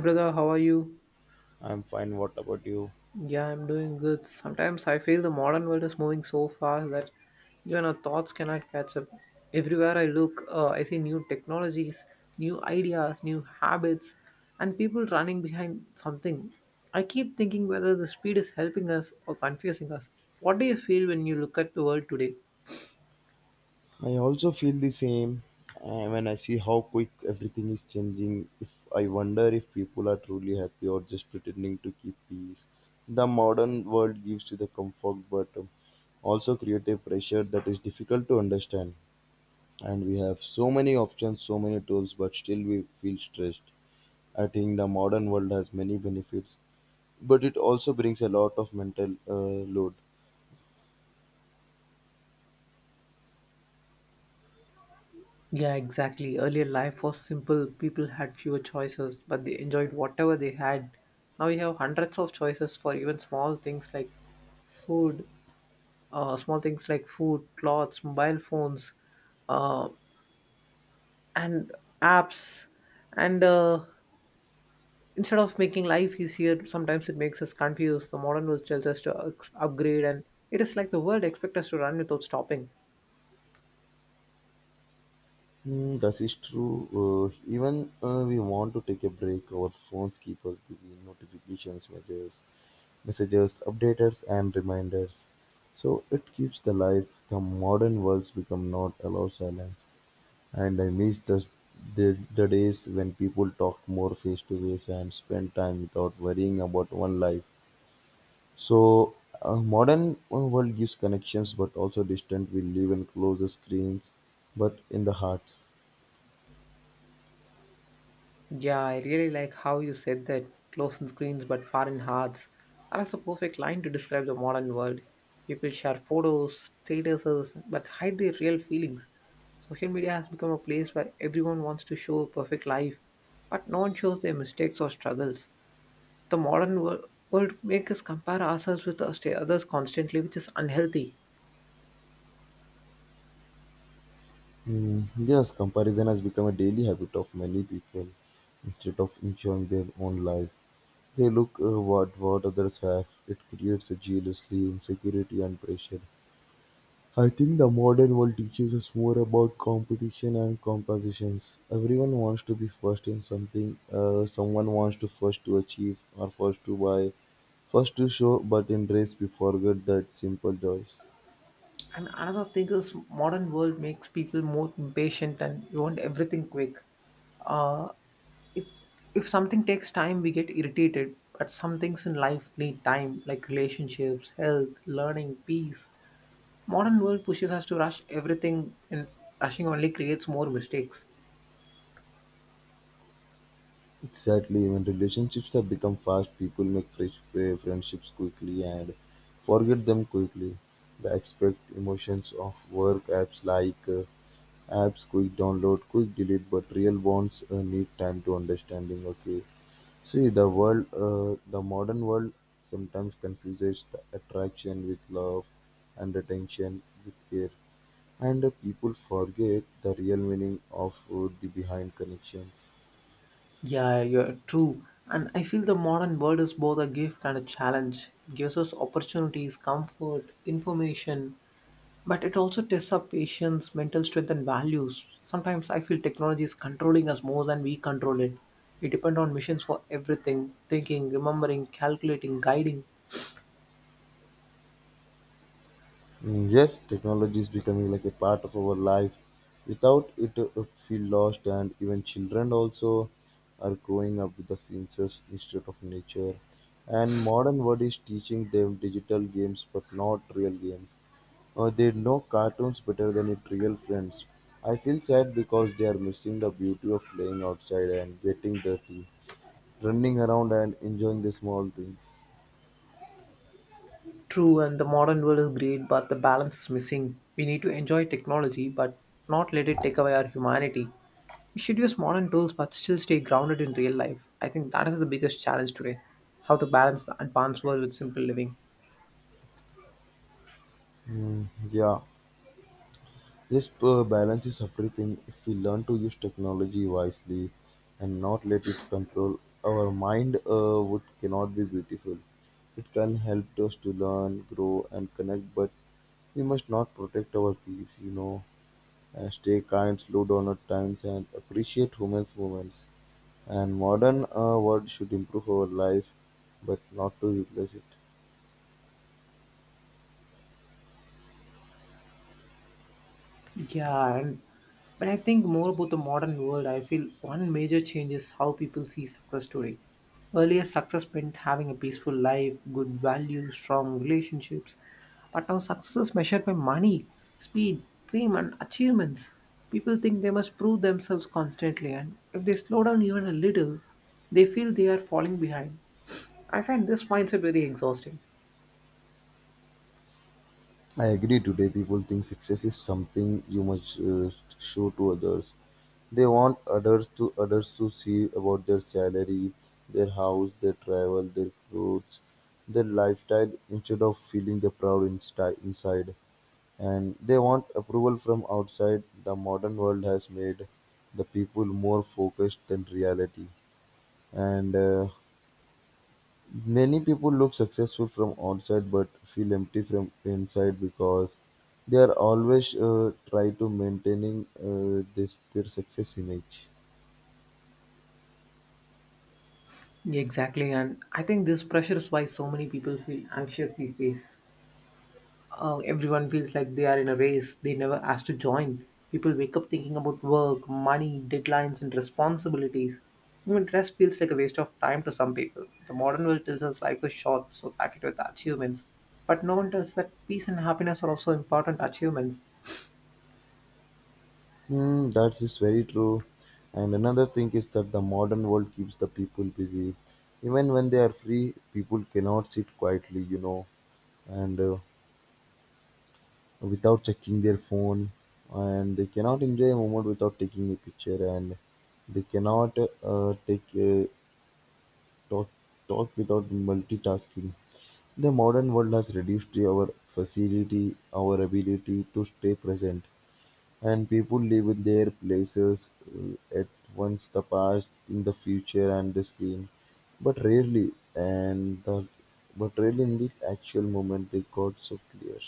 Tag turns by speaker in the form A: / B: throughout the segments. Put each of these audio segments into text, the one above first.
A: Brother, how are you?
B: I'm fine. What about you?
A: Yeah, I'm doing good. Sometimes I feel the modern world is moving so fast that even our thoughts cannot catch up. Everywhere I look, I see new technologies, new ideas, new habits, and people running behind something. I keep thinking whether the speed is helping us or confusing us. What do you feel when you look at the world today?
B: I also feel the same. And when I see how quick everything is changing, if I wonder if people are truly happy or just pretending to keep peace. The modern world gives you the comfort, but also create a pressure that is difficult to understand. And we have so many options, so many tools, but still we feel stressed. I think the modern world has many benefits, but it also brings a lot of mental load.
A: Yeah, exactly. Earlier life was simple. People had fewer choices, but they enjoyed whatever they had. Now we have hundreds of choices for even small things like food, small things like food, clothes, mobile phones, uh, and apps. And Instead of making life easier, sometimes it makes us confused. The modern world tells us to upgrade, and it is like the world expects us to run without stopping.
B: Hmm, that is true. Even we want to take a break, our phones keep us busy. Notifications, messages, updaters, and reminders. So it keeps the life. The modern worlds become not allow silence, and I miss the days when people talked more face to face and spent time without worrying about one life. So modern world gives connections, but also distant. We live in closer screens, but in the hearts.
A: Yeah, I really like how you said that close in screens but far in hearts. That is a perfect line to describe the modern world. People share photos, statuses, but hide their real feelings. Social media has become a place where everyone wants to show a perfect life, but no one shows their mistakes or struggles. The world makes us compare ourselves with us to others constantly, which is unhealthy.
B: Mm, yes, comparison has become a daily habit of many people. Instead of enjoying their own life, they look what others have. It creates a jealousy, insecurity, and pressure. I think the modern world teaches us more about competition and compositions. Everyone wants to be first in something. Someone wants to first to achieve or first to buy, first to show. But in race, we forget that simple joys.
A: And another thing is, modern world makes people more impatient and you want everything quick. Uh, if if something takes time, we get irritated. But some things in life need time, like relationships, health, learning, peace. Modern world pushes us to rush everything, and rushing only creates more mistakes.
B: Exactly. When relationships have become fast, people make fresh friendships quickly and forget them quickly. They expect emotions of work apps like apps quick download, quick delete, but real bonds need time to understanding. Okay, see the world, the modern world sometimes confuses the attraction with love and attention with care, and people forget the real meaning of the behind connections.
A: Yeah, you're true. And I feel the modern world is both a gift and a challenge. It gives us opportunities, comfort, information, but it also tests our patience, mental strength, and values. Sometimes I feel technology is controlling us more than we control it. We depend on machines for everything thinking, remembering, calculating, guiding.
B: Mm, yes, technology is becoming like a part of our life. Without it, feel lost, and even children also are growing up with the senses instead of nature. And modern world is teaching them digital games, but not real games. They know cartoons better than it real friends. I feel sad because they are missing the beauty of playing outside and getting dirty, running around and enjoying the small things.
A: True, and the modern world is great, but the balance is missing. We need to enjoy technology, but not let it take away our humanity. We should use modern tools but still stay grounded in real life. I think that is the biggest challenge today. How to balance the advanced world with simple living.
B: Mm, yeah. This balance is everything. If we learn to use technology wisely and not let it control our mind, would cannot be beautiful. It can help us to learn, grow, and connect. But we must not protect our peace, you know, and stay kind, slow down at times, and appreciate women's moments. And modern world should improve our life, but not to replace it.
A: Yeah, and when I think more about the modern world, I feel one major change is how people see success today. Earlier, success meant having a peaceful life, good values, strong relationships. But now, success is measured by money, speed, fame, and achievements. People think they must prove themselves constantly, and if they slow down even a little, they feel they are falling behind. I find this mindset very exhausting.
B: I agree today people think success is something you must show to others. They want others to see about their salary, their house, their travel, their clothes, their lifestyle instead of feeling the proud inside. And they want approval from outside. The modern world has made the people more focused than reality. And many people look successful from outside but feel empty from inside because they are always try to maintaining this their success image.
A: Exactly, and I think this pressure is why so many people feel anxious these days. Everyone feels like they are in a race they never asked to join. People wake up thinking about work, money, deadlines, and responsibilities. Even rest feels like a waste of time to some people. The modern world tells us life is short, so pack it with achievements. But no one tells that peace and happiness are also important achievements.
B: Hmm, that is very true. And another thing is that the modern world keeps the people busy. Even when they are free, people cannot sit quietly, you know, and without checking their phone, and they cannot enjoy a moment without taking a picture, and they cannot take talk, talk without multitasking. The modern world has reduced to our facility, our ability to stay present, and people live in their places at once the past, in the future, and the screen, but rarely in the actual moment they got so clear.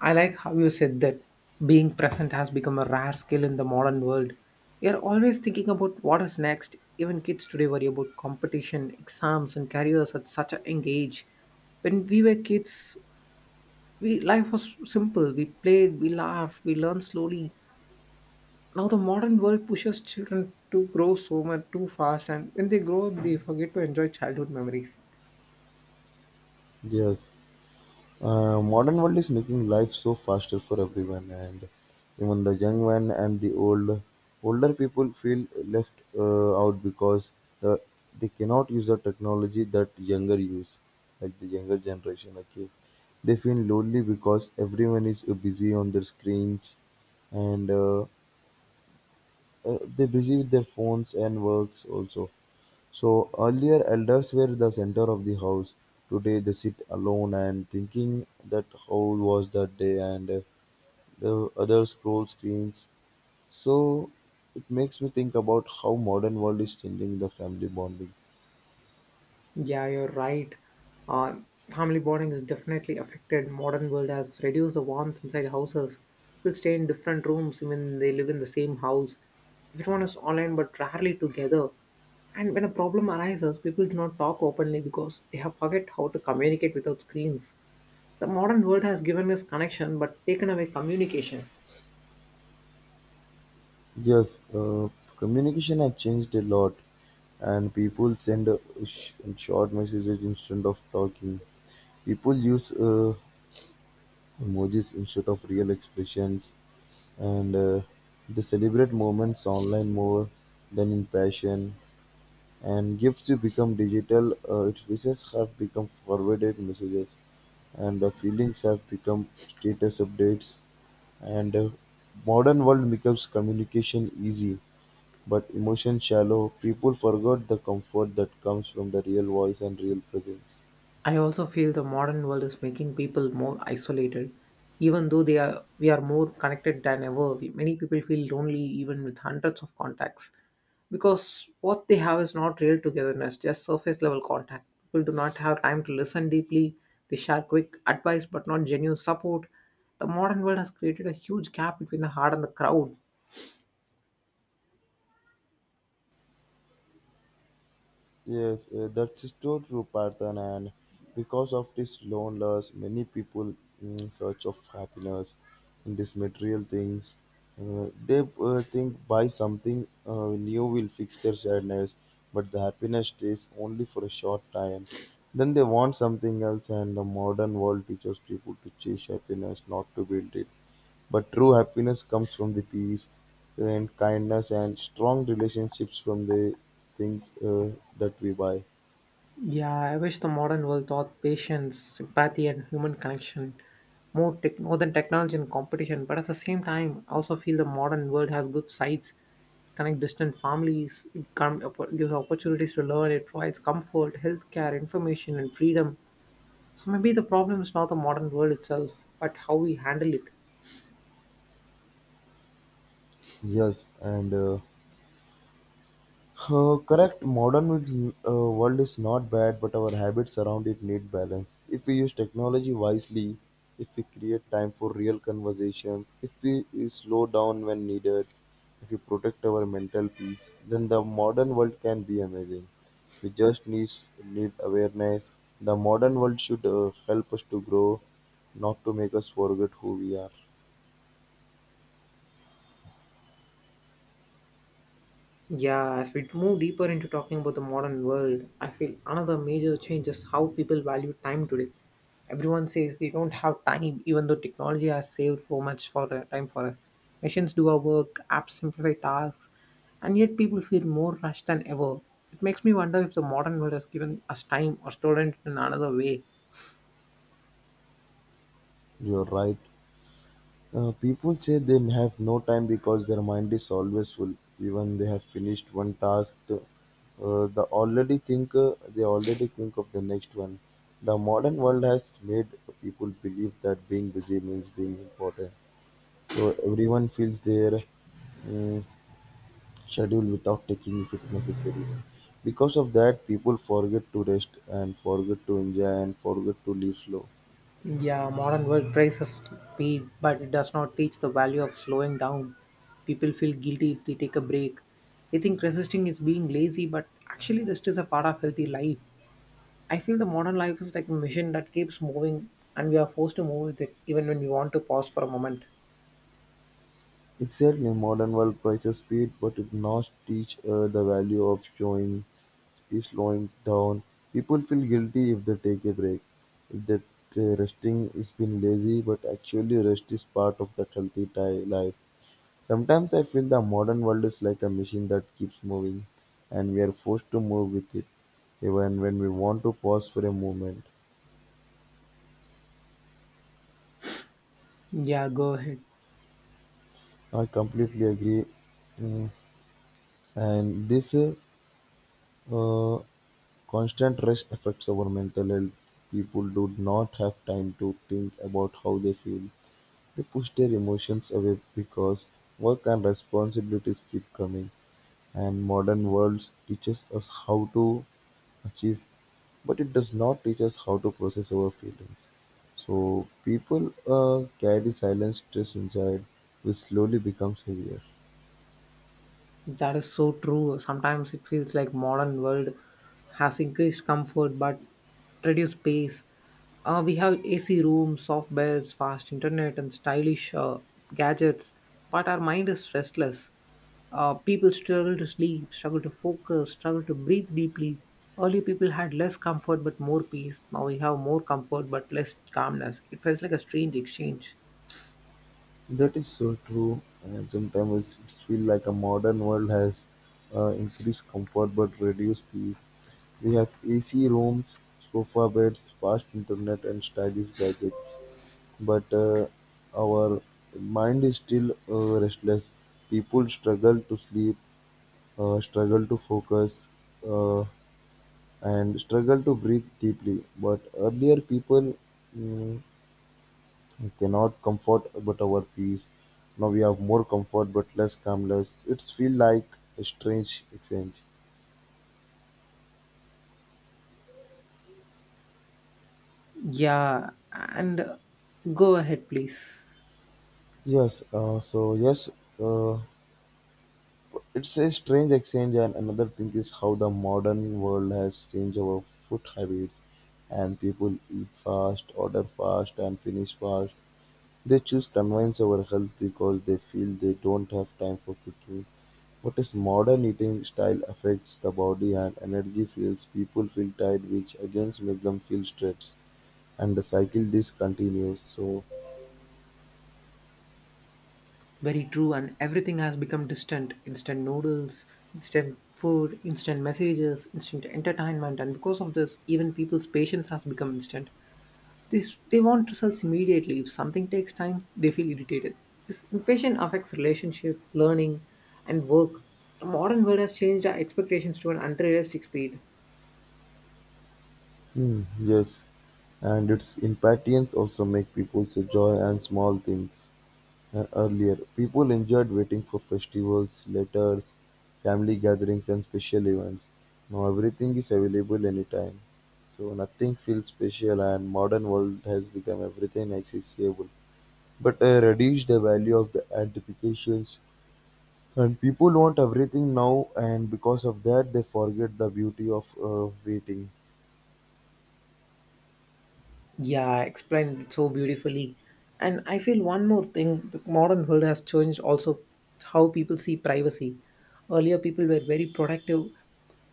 A: I like how you said that being present has become a rare skill in the modern world. We are always thinking about what is next. Even kids today worry about competition, exams, and careers at such a young age. When we were kids, we life was simple. We played, we laughed, we learned slowly. Now the modern world pushes children to grow so much too fast, and when they grow up, they forget to enjoy childhood memories.
B: Yes. Modern world is making life so faster for everyone, and even the young one and the older people feel left out because uh, they cannot use the technology that younger use, like the younger generation. Okay, they feel lonely because everyone is busy on their screens, and they're busy with their phones and works also. So earlier, elders were the center of the house. Today, they sit alone and thinking that how was that day, and the others scroll screens. So it makes me think about how modern world is changing the family bonding.
A: Yeah, you're right. Uh, family bonding is definitely affected. Modern world has reduced the warmth inside houses. People stay in different rooms even they live in the same house. Everyone is online but rarely together. And when a problem arises, people do not talk openly because they have forget how to communicate without screens. The modern world has given us connection but taken away communication.
B: Yes, communication has changed a lot, and people send sh- short messages instead of talking. People use Emojis instead of real expressions, and they celebrate moments online more than in passion. And gifts you become digital, it wishes have become forwarded messages, and feelings have become status updates. And modern world becomes communication easy, but emotion shallow. People forgot the comfort that comes from the real voice and real presence.
A: I also feel the modern world is making people more isolated. Even though they are we are more connected than ever, many people feel lonely even with hundreds of contacts because what they have is not real togetherness, just surface level contact. People do not have time to listen deeply. They share quick advice but not genuine support. The modern world has created a huge gap between the heart and the crowd.
B: Yes, that's true, Parthan. And because of this loneliness, many people in search of happiness in these material things. They think buy something new will fix their sadness, but the happiness stays only for a short time. Then they want something else, and the modern world teaches people to chase happiness, not to build it. But true happiness comes from the peace and kindness and strong relationships from the things that we buy.
A: Yeah, I wish the modern world taught patience, empathy, and human connection more, more than technology and competition. But at the same time, I also feel the modern world has good sides. It connects distant families, it gives opportunities to learn, it provides comfort, healthcare, information, and freedom. So maybe the problem is not the modern world itself, but how we handle it.
B: Yes, and correct. Uh, world is not bad, but our habits around it need balance. If we use technology wisely, if we create time for real conversations, if we slow down when needed, if we protect our mental peace, then the modern world can be amazing. We just needs need awareness. The modern world should help us to grow, not to make us forget who we are.
A: Yeah, as we move deeper into talking about the modern world, I feel another major change is how people value time today. Everyone says they don't have time, even though technology has saved so much for time for us. Machines do our work, apps simplify tasks, and yet people feel more rushed than ever. It makes me wonder if the modern world has given us time or stolen it in another way.
B: You're right. People say they have no time because their mind is always full. Even they have finished one task, they already think of the next one. The modern world has made people believe that being busy means being important. So everyone fills their um, schedule without taking if it necessary. Because of that, people forget to rest and forget to enjoy and forget to live slow.
A: Yeah, modern work praises speed, but it does not teach the value of slowing down. People feel guilty if they take a break. They think resisting is being lazy, but actually, rest is a part of healthy life. I feel the modern life is like a machine that keeps moving, and we are forced to move with it even when we want to pause for a moment.
B: Exactly, modern world prices speed, but it not teach the value of showing, is slowing down. People feel guilty if they take a break, if that resting is being lazy, but actually rest is part of that healthy life. Sometimes I feel the modern world is like a machine that keeps moving, and we are forced to move with it, even when we want to pause for a moment.
A: Yeah, go ahead.
B: I completely agree. Mm. And this uh, uh, constant rush affects our mental health. People do not have time to think about how they feel. They push their emotions away because work and responsibilities keep coming. And modern world teaches us how to achieve, but it does not teach us how to process our feelings. So people carry silent stress inside, which slowly becomes heavier.
A: That is so true. Sometimes it feels like modern world has increased comfort but reduced space. We have AC rooms, soft beds, fast internet, and stylish gadgets, but our mind is restless. People struggle to sleep, struggle to focus, struggle to breathe deeply. Early people had less comfort but more peace. Now we have more comfort but less calmness. It feels like a strange exchange.
B: That is so true, and sometimes it feels like a modern world has increased comfort but reduced peace. We have AC rooms, sofa beds, fast internet, and stylish gadgets, but our mind is still restless. People struggle to sleep, struggle to focus, uh, and struggle to breathe deeply. But earlier, people mm, we cannot comfort but our peace. Now we have more comfort but less calmness. It's feel like a strange exchange.
A: Yeah, and Go ahead, please.
B: Yes, uh, so yes, uh, it's a strange exchange, and another thing is how the modern world has changed our food habits, and people eat fast, order fast, and finish fast. They choose convenience over health because they feel they don't have time for cooking. What is modern eating style affects the body and energy fields, people feel tired, which again makes them feel stressed, and the cycle this continues. So,
A: Very true, and everything has become distant instant noodles, instant food, instant messages, instant entertainment, and because of this, even people's patience has become instant. This, they want results immediately. If something takes time, they feel irritated. This impatience affects relationship, learning, and work. The modern world has changed our expectations to an unrealistic speed.
B: hmm, yes, and its impatience also make people so joy and small things. Earlier, people enjoyed waiting for festivals, letters, family gatherings, and special events. Now everything is available anytime, so nothing feels special. And modern world has become everything accessible, but reduced the value of the anticipations. And people want everything now, and because of that, they forget the beauty of waiting.
A: Yeah, explained it so beautifully. And I feel one more thing the modern world has changed also how people see privacy. Earlier, people were very protective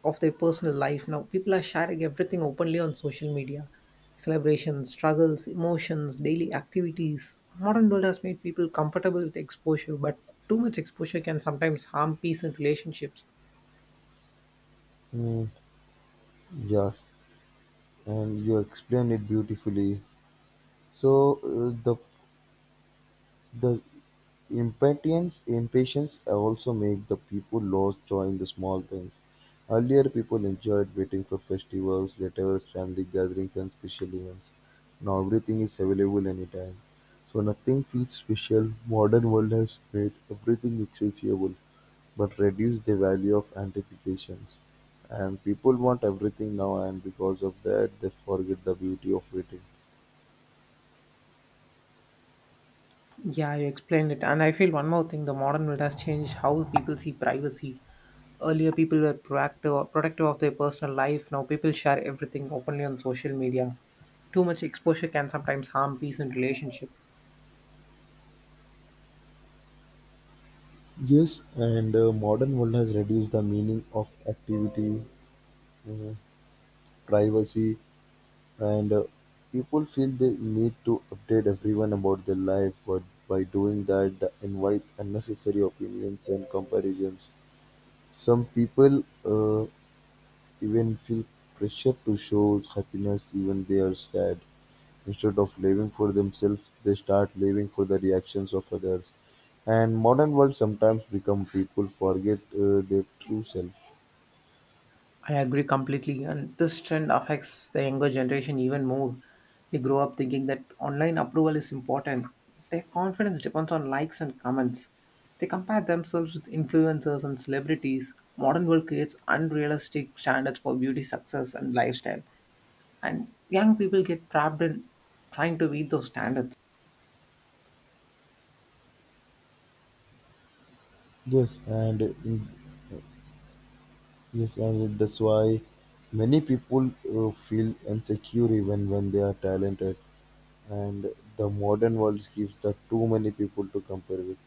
A: of their personal life. Now, people are sharing everything openly on social media celebrations, struggles, emotions, daily activities. Modern world has made people comfortable with exposure, but too much exposure can sometimes harm peace and relationships.
B: Mm, yes, and you explain it beautifully. So the impatience also make the people lose joy in the small things. Earlier people enjoyed waiting for festivals, letters, family gatherings and special events. Now everything is available anytime. So nothing feels special. Modern world has made everything accessible but reduced the value of anticipations. And people want everything now and because of that they forget the beauty of waiting.
A: Yeah, you explained it. And I feel one more thing the modern world has changed how people see privacy. Earlier, people were proactive, protective of their personal life. Now, people share everything openly on social media. Too much exposure can sometimes harm peace and relationship.
B: Yes, and modern world has reduced the meaning of activity, uh, privacy, and people feel they need to update everyone about their life. But by doing that, they invite unnecessary opinions and comparisons. Some people even feel pressure to show happiness even they are sad. Instead of living for themselves, they start living for the reactions of others. And modern world sometimes become people forget their true self.
A: I agree completely, and this trend affects the younger generation even more. They grow up thinking that online approval is important. Their confidence depends on likes and comments. They compare themselves with influencers and celebrities. Modern world creates unrealistic standards for beauty, success, and lifestyle, and young people get trapped in trying to meet those standards.
B: Yes, and that's why many people feel insecure even when they are talented. And the modern world gives the too many people to compare with,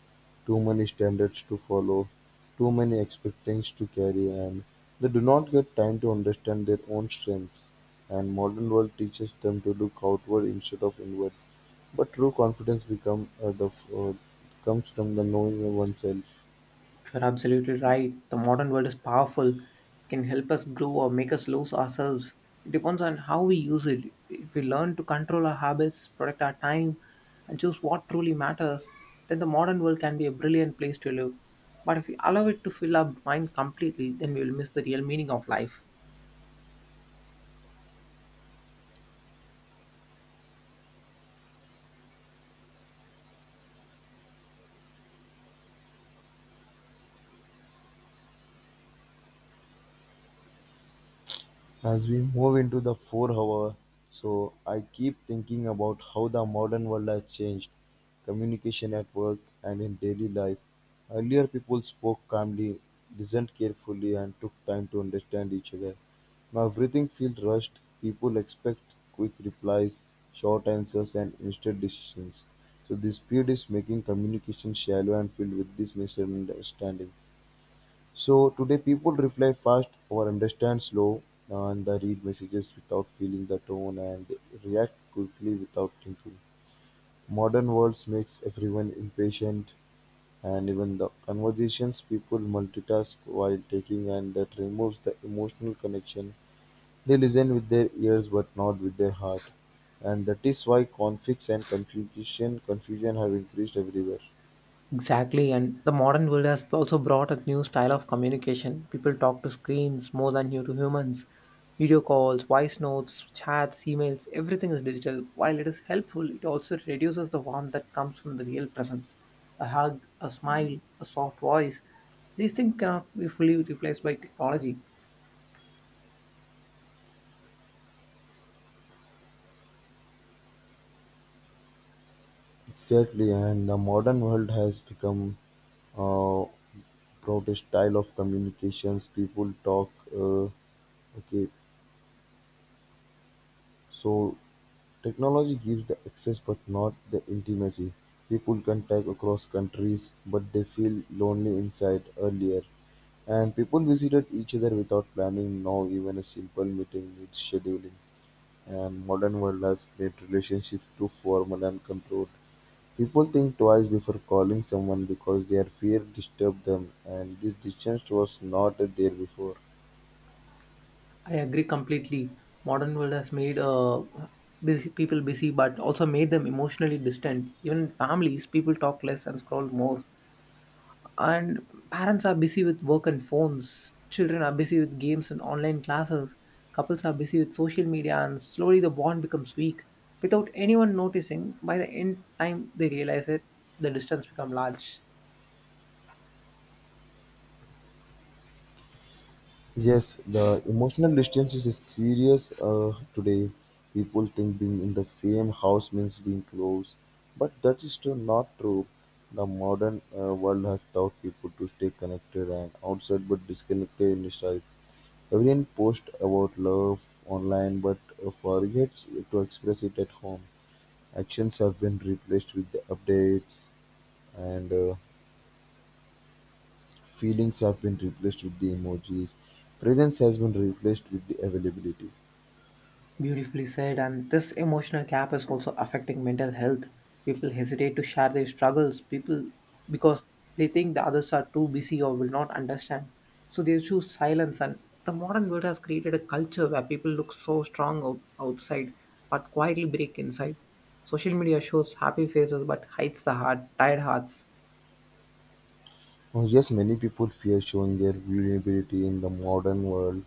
B: too many standards to follow, too many expectations to carry, and they do not get time to understand their own strengths. And modern world teaches them to look outward instead of inward. But true confidence comes from the knowing oneself.
A: You're absolutely right. The modern world is powerful. It can help us grow or make us lose ourselves. It depends on how we use it. If we learn to control our habits, protect our time, and choose what truly matters, then the modern world can be a brilliant place to live. But if we allow it to fill our mind completely, then we will miss the real meaning of life.
B: As we move into the 4 hour, so I keep thinking about how the modern world has changed communication at work and in daily life. Earlier, people spoke calmly, listened carefully, and took time to understand each other. Now, everything feels rushed. People expect quick replies, short answers, and instant decisions. So, this speed is making communication shallow and filled with these misunderstandings. So today people reply fast or understand slow, and they read messages without feeling the tone and react quickly without thinking. Modern worlds makes everyone impatient, and even the conversations people multitask while taking and that removes the emotional connection. They listen with their ears but not with their heart. And that is why conflicts and confusion have increased everywhere.
A: Exactly, and the modern world has also brought a new style of communication. People talk to screens more than you to humans. Video calls, voice notes, chats, emails, everything is digital. While it is helpful, it also reduces the warmth that comes from the real presence. A hug, a smile, a soft voice. These things cannot be fully replaced by technology.
B: Exactly, and the modern world has become uh, broad style of communications. People talk. Okay, so technology gives the access, but not the intimacy. People contact across countries, but they feel lonely inside earlier. And people visited each other without planning. Now, even a simple meeting needs scheduling. And modern world has made relationships too formal and controlled. People think twice before calling someone because their fear disturbed them, and this distance was not there before.
A: I agree completely. Modern world has made busy, people busy, but also made them emotionally distant. Even in families, people talk less and scroll more, and parents are busy with work and phones, children are busy with games and online classes, couples are busy with social media, and slowly the bond becomes weak without anyone noticing. By the end time they realize it, the distance become large.
B: Yes, the emotional distance is serious today. People think being in the same house means being close, but that is still not true. The modern world has taught people to stay connected and outside but disconnected inside. Everyone posts about love online but forgets to express it at home. Actions have been replaced with the updates, and feelings have been replaced with the emojis. Presence has been replaced with the availability.
A: Beautifully said, and this emotional gap is also affecting mental health. People hesitate to share their struggles, people because they think the others are too busy or will not understand. So they choose silence. And the modern world has created a culture where people look so strong outside but quietly break inside. Social media shows happy faces but hides the heart, tired hearts.
B: Oh, yes, many people fear showing their vulnerability in the modern world.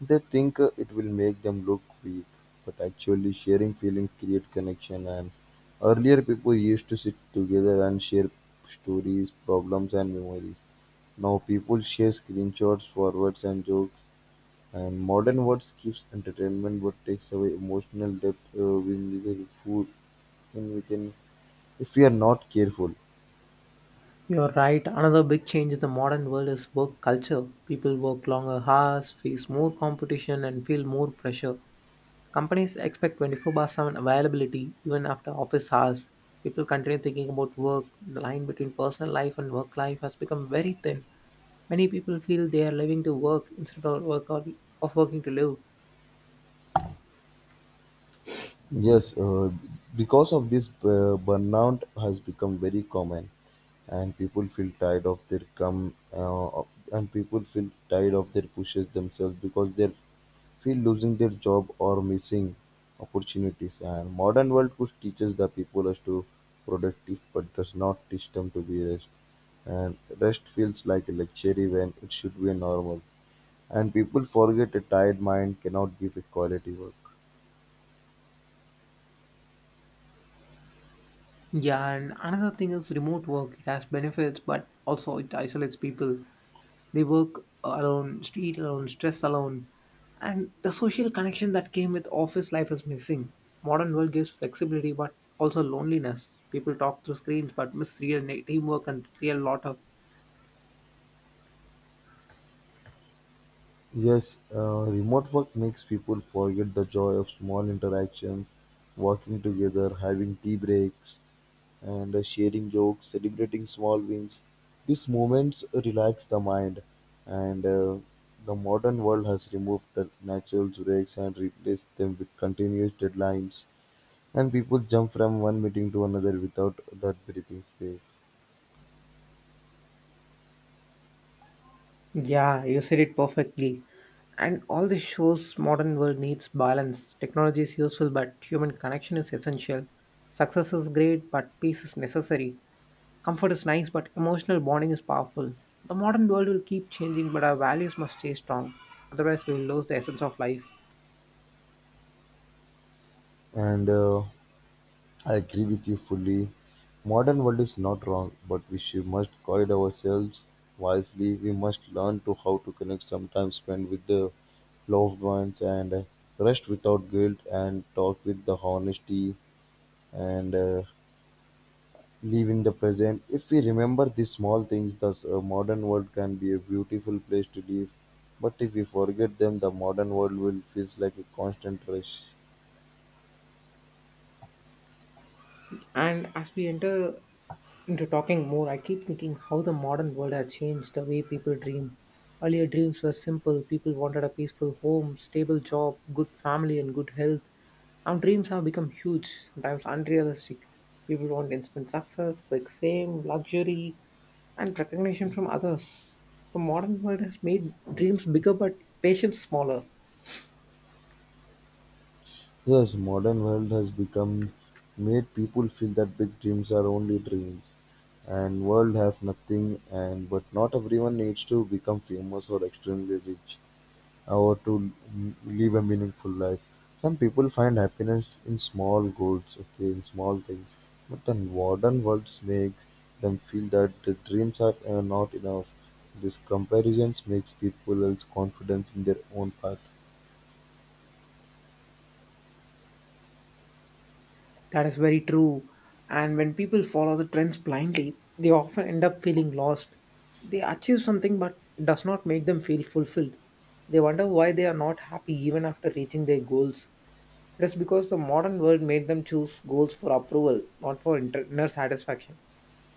B: They think it will make them look weak, but actually, sharing feelings create connection. And earlier, people used to sit together and share stories, problems, and memories. Now people share screenshots, forwards, and jokes. And modern words gives entertainment but takes away emotional depth when we can, if we are not careful.
A: You're right. Another big change in the modern world is work culture. People work longer hours, face more competition, and feel more pressure. Companies expect 24/7 availability even after office hours. People continue thinking about work. The line between personal life and work life has become very thin. Many people feel they are living to work instead of work or of working to live.
B: Yes, because of this, burnout has become very common, and people feel tired of their come, of- and people feel tired of their pushes themselves because they feel losing their job or missing opportunities. And modern world push teaches the people as to productive, but does not teach them to be rest. And rest feels like a luxury when it should be a normal. And people forget a tired mind cannot give a quality work.
A: Yeah, and another thing is remote work. It has benefits, but also it isolates people. They work alone, street alone, stress alone, and the social connection that came with office life is missing. Modern world gives flexibility but also loneliness. People talk through screens but miss teamwork and real lot of.
B: Yes, remote work makes people forget the joy of small interactions, working together, having tea breaks, and sharing jokes, celebrating small wins. These moments relax the mind, and the modern world has removed the natural breaks and replaced them with continuous deadlines. And people jump from one meeting to another without that breathing space.
A: Yeah, you said it perfectly. And all this shows modern world needs balance. Technology is useful but human connection is essential. Success is great but peace is necessary. Comfort is nice, but emotional bonding is powerful. The modern world will keep changing, but our values must stay strong. Otherwise, we will lose the essence of life.
B: And I agree with you fully. Modern world is not wrong, but we should, must guide ourselves wisely. We must learn to how to connect, sometimes spend with the loved ones and rest without guilt and talk with the honesty and live in the present. If we remember these small things, the modern world can be a beautiful place to live. But if we forget them, the modern world will feels like a constant rush.
A: And as we enter into talking more, I keep thinking how the modern world has changed the way people dream. Earlier, dreams were simple. People wanted a peaceful home, stable job, good family, and good health. Now, dreams have become huge, sometimes unrealistic. People want instant success, quick fame, luxury, and recognition from others. The modern world has made dreams bigger but patience smaller.
B: Yes, modern world has become made people feel that big dreams are only dreams and world have nothing and but not everyone needs to become famous or extremely rich or to live a meaningful life. Some people find happiness in small goals, okay, in small things. But the modern world makes them feel that the dreams are not enough. This comparisons makes people else confidence in their own path.
A: That is very true. And when people follow the trends blindly, they often end up feeling lost. They achieve something, but it does not make them feel fulfilled. They wonder why they are not happy even after reaching their goals. It is because the modern world made them choose goals for approval, not for inner satisfaction.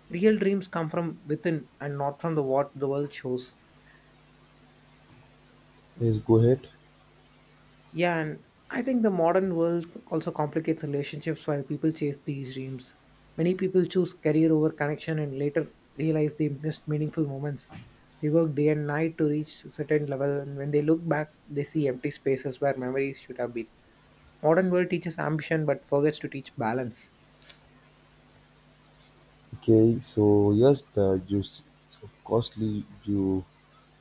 A: Real dreams come from within and not from the what the world shows.
B: Yes, go ahead.
A: Yeah, and I think the modern world also complicates relationships while people chase these dreams. Many people choose career over connection and later realize they missed meaningful moments. They work day and night to reach a certain level, and when they look back, they see empty spaces where memories should have been. Modern world teaches ambition but forgets to teach balance.
B: Okay, so yes, the juice, of costly you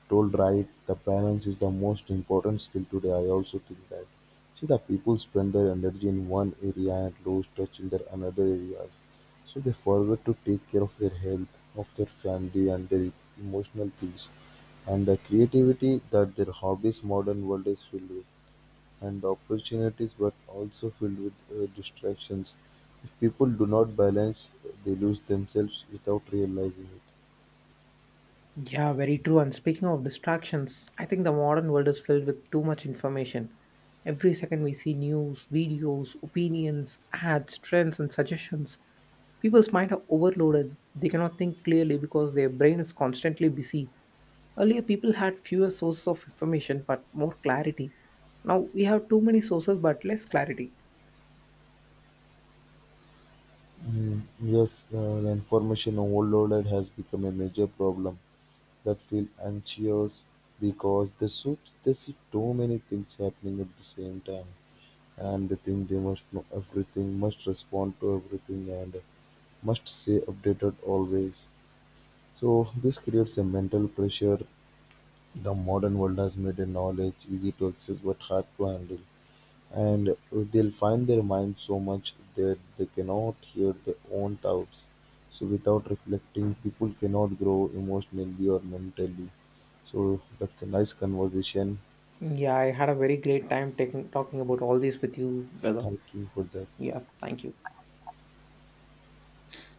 B: told right. The balance is the most important skill today. I also think that. See, the people spend their energy in one area and lose touch in their another areas. So they forget to take care of their health, of their family, and their emotional peace, and the creativity that their hobbies modern world is filled with and opportunities but also filled with distractions. If people do not balance, they lose themselves without realizing it.
A: Yeah, very true. And speaking of distractions, I think the modern world is filled with too much information. Every second we see news, videos, opinions, ads, trends, and suggestions. People's mind are overloaded. They cannot think clearly because their brain is constantly busy. Earlier, people had fewer sources of information but more clarity. Now we have too many sources but less clarity.
B: Yes, the information overloaded has become a major problem that feel anxious because they see too many things happening at the same time and they think they must know everything, must respond to everything and must stay updated always. So this creates a mental pressure. The modern world has made the knowledge easy to access but hard to handle. And they'll find their mind so much that they cannot hear their own thoughts. So without reflecting, people cannot grow emotionally or mentally. So that's a nice conversation.
A: Yeah, I had a very great time talking about all this with you, brother.
B: Thank you for that.
A: Yeah, thank you.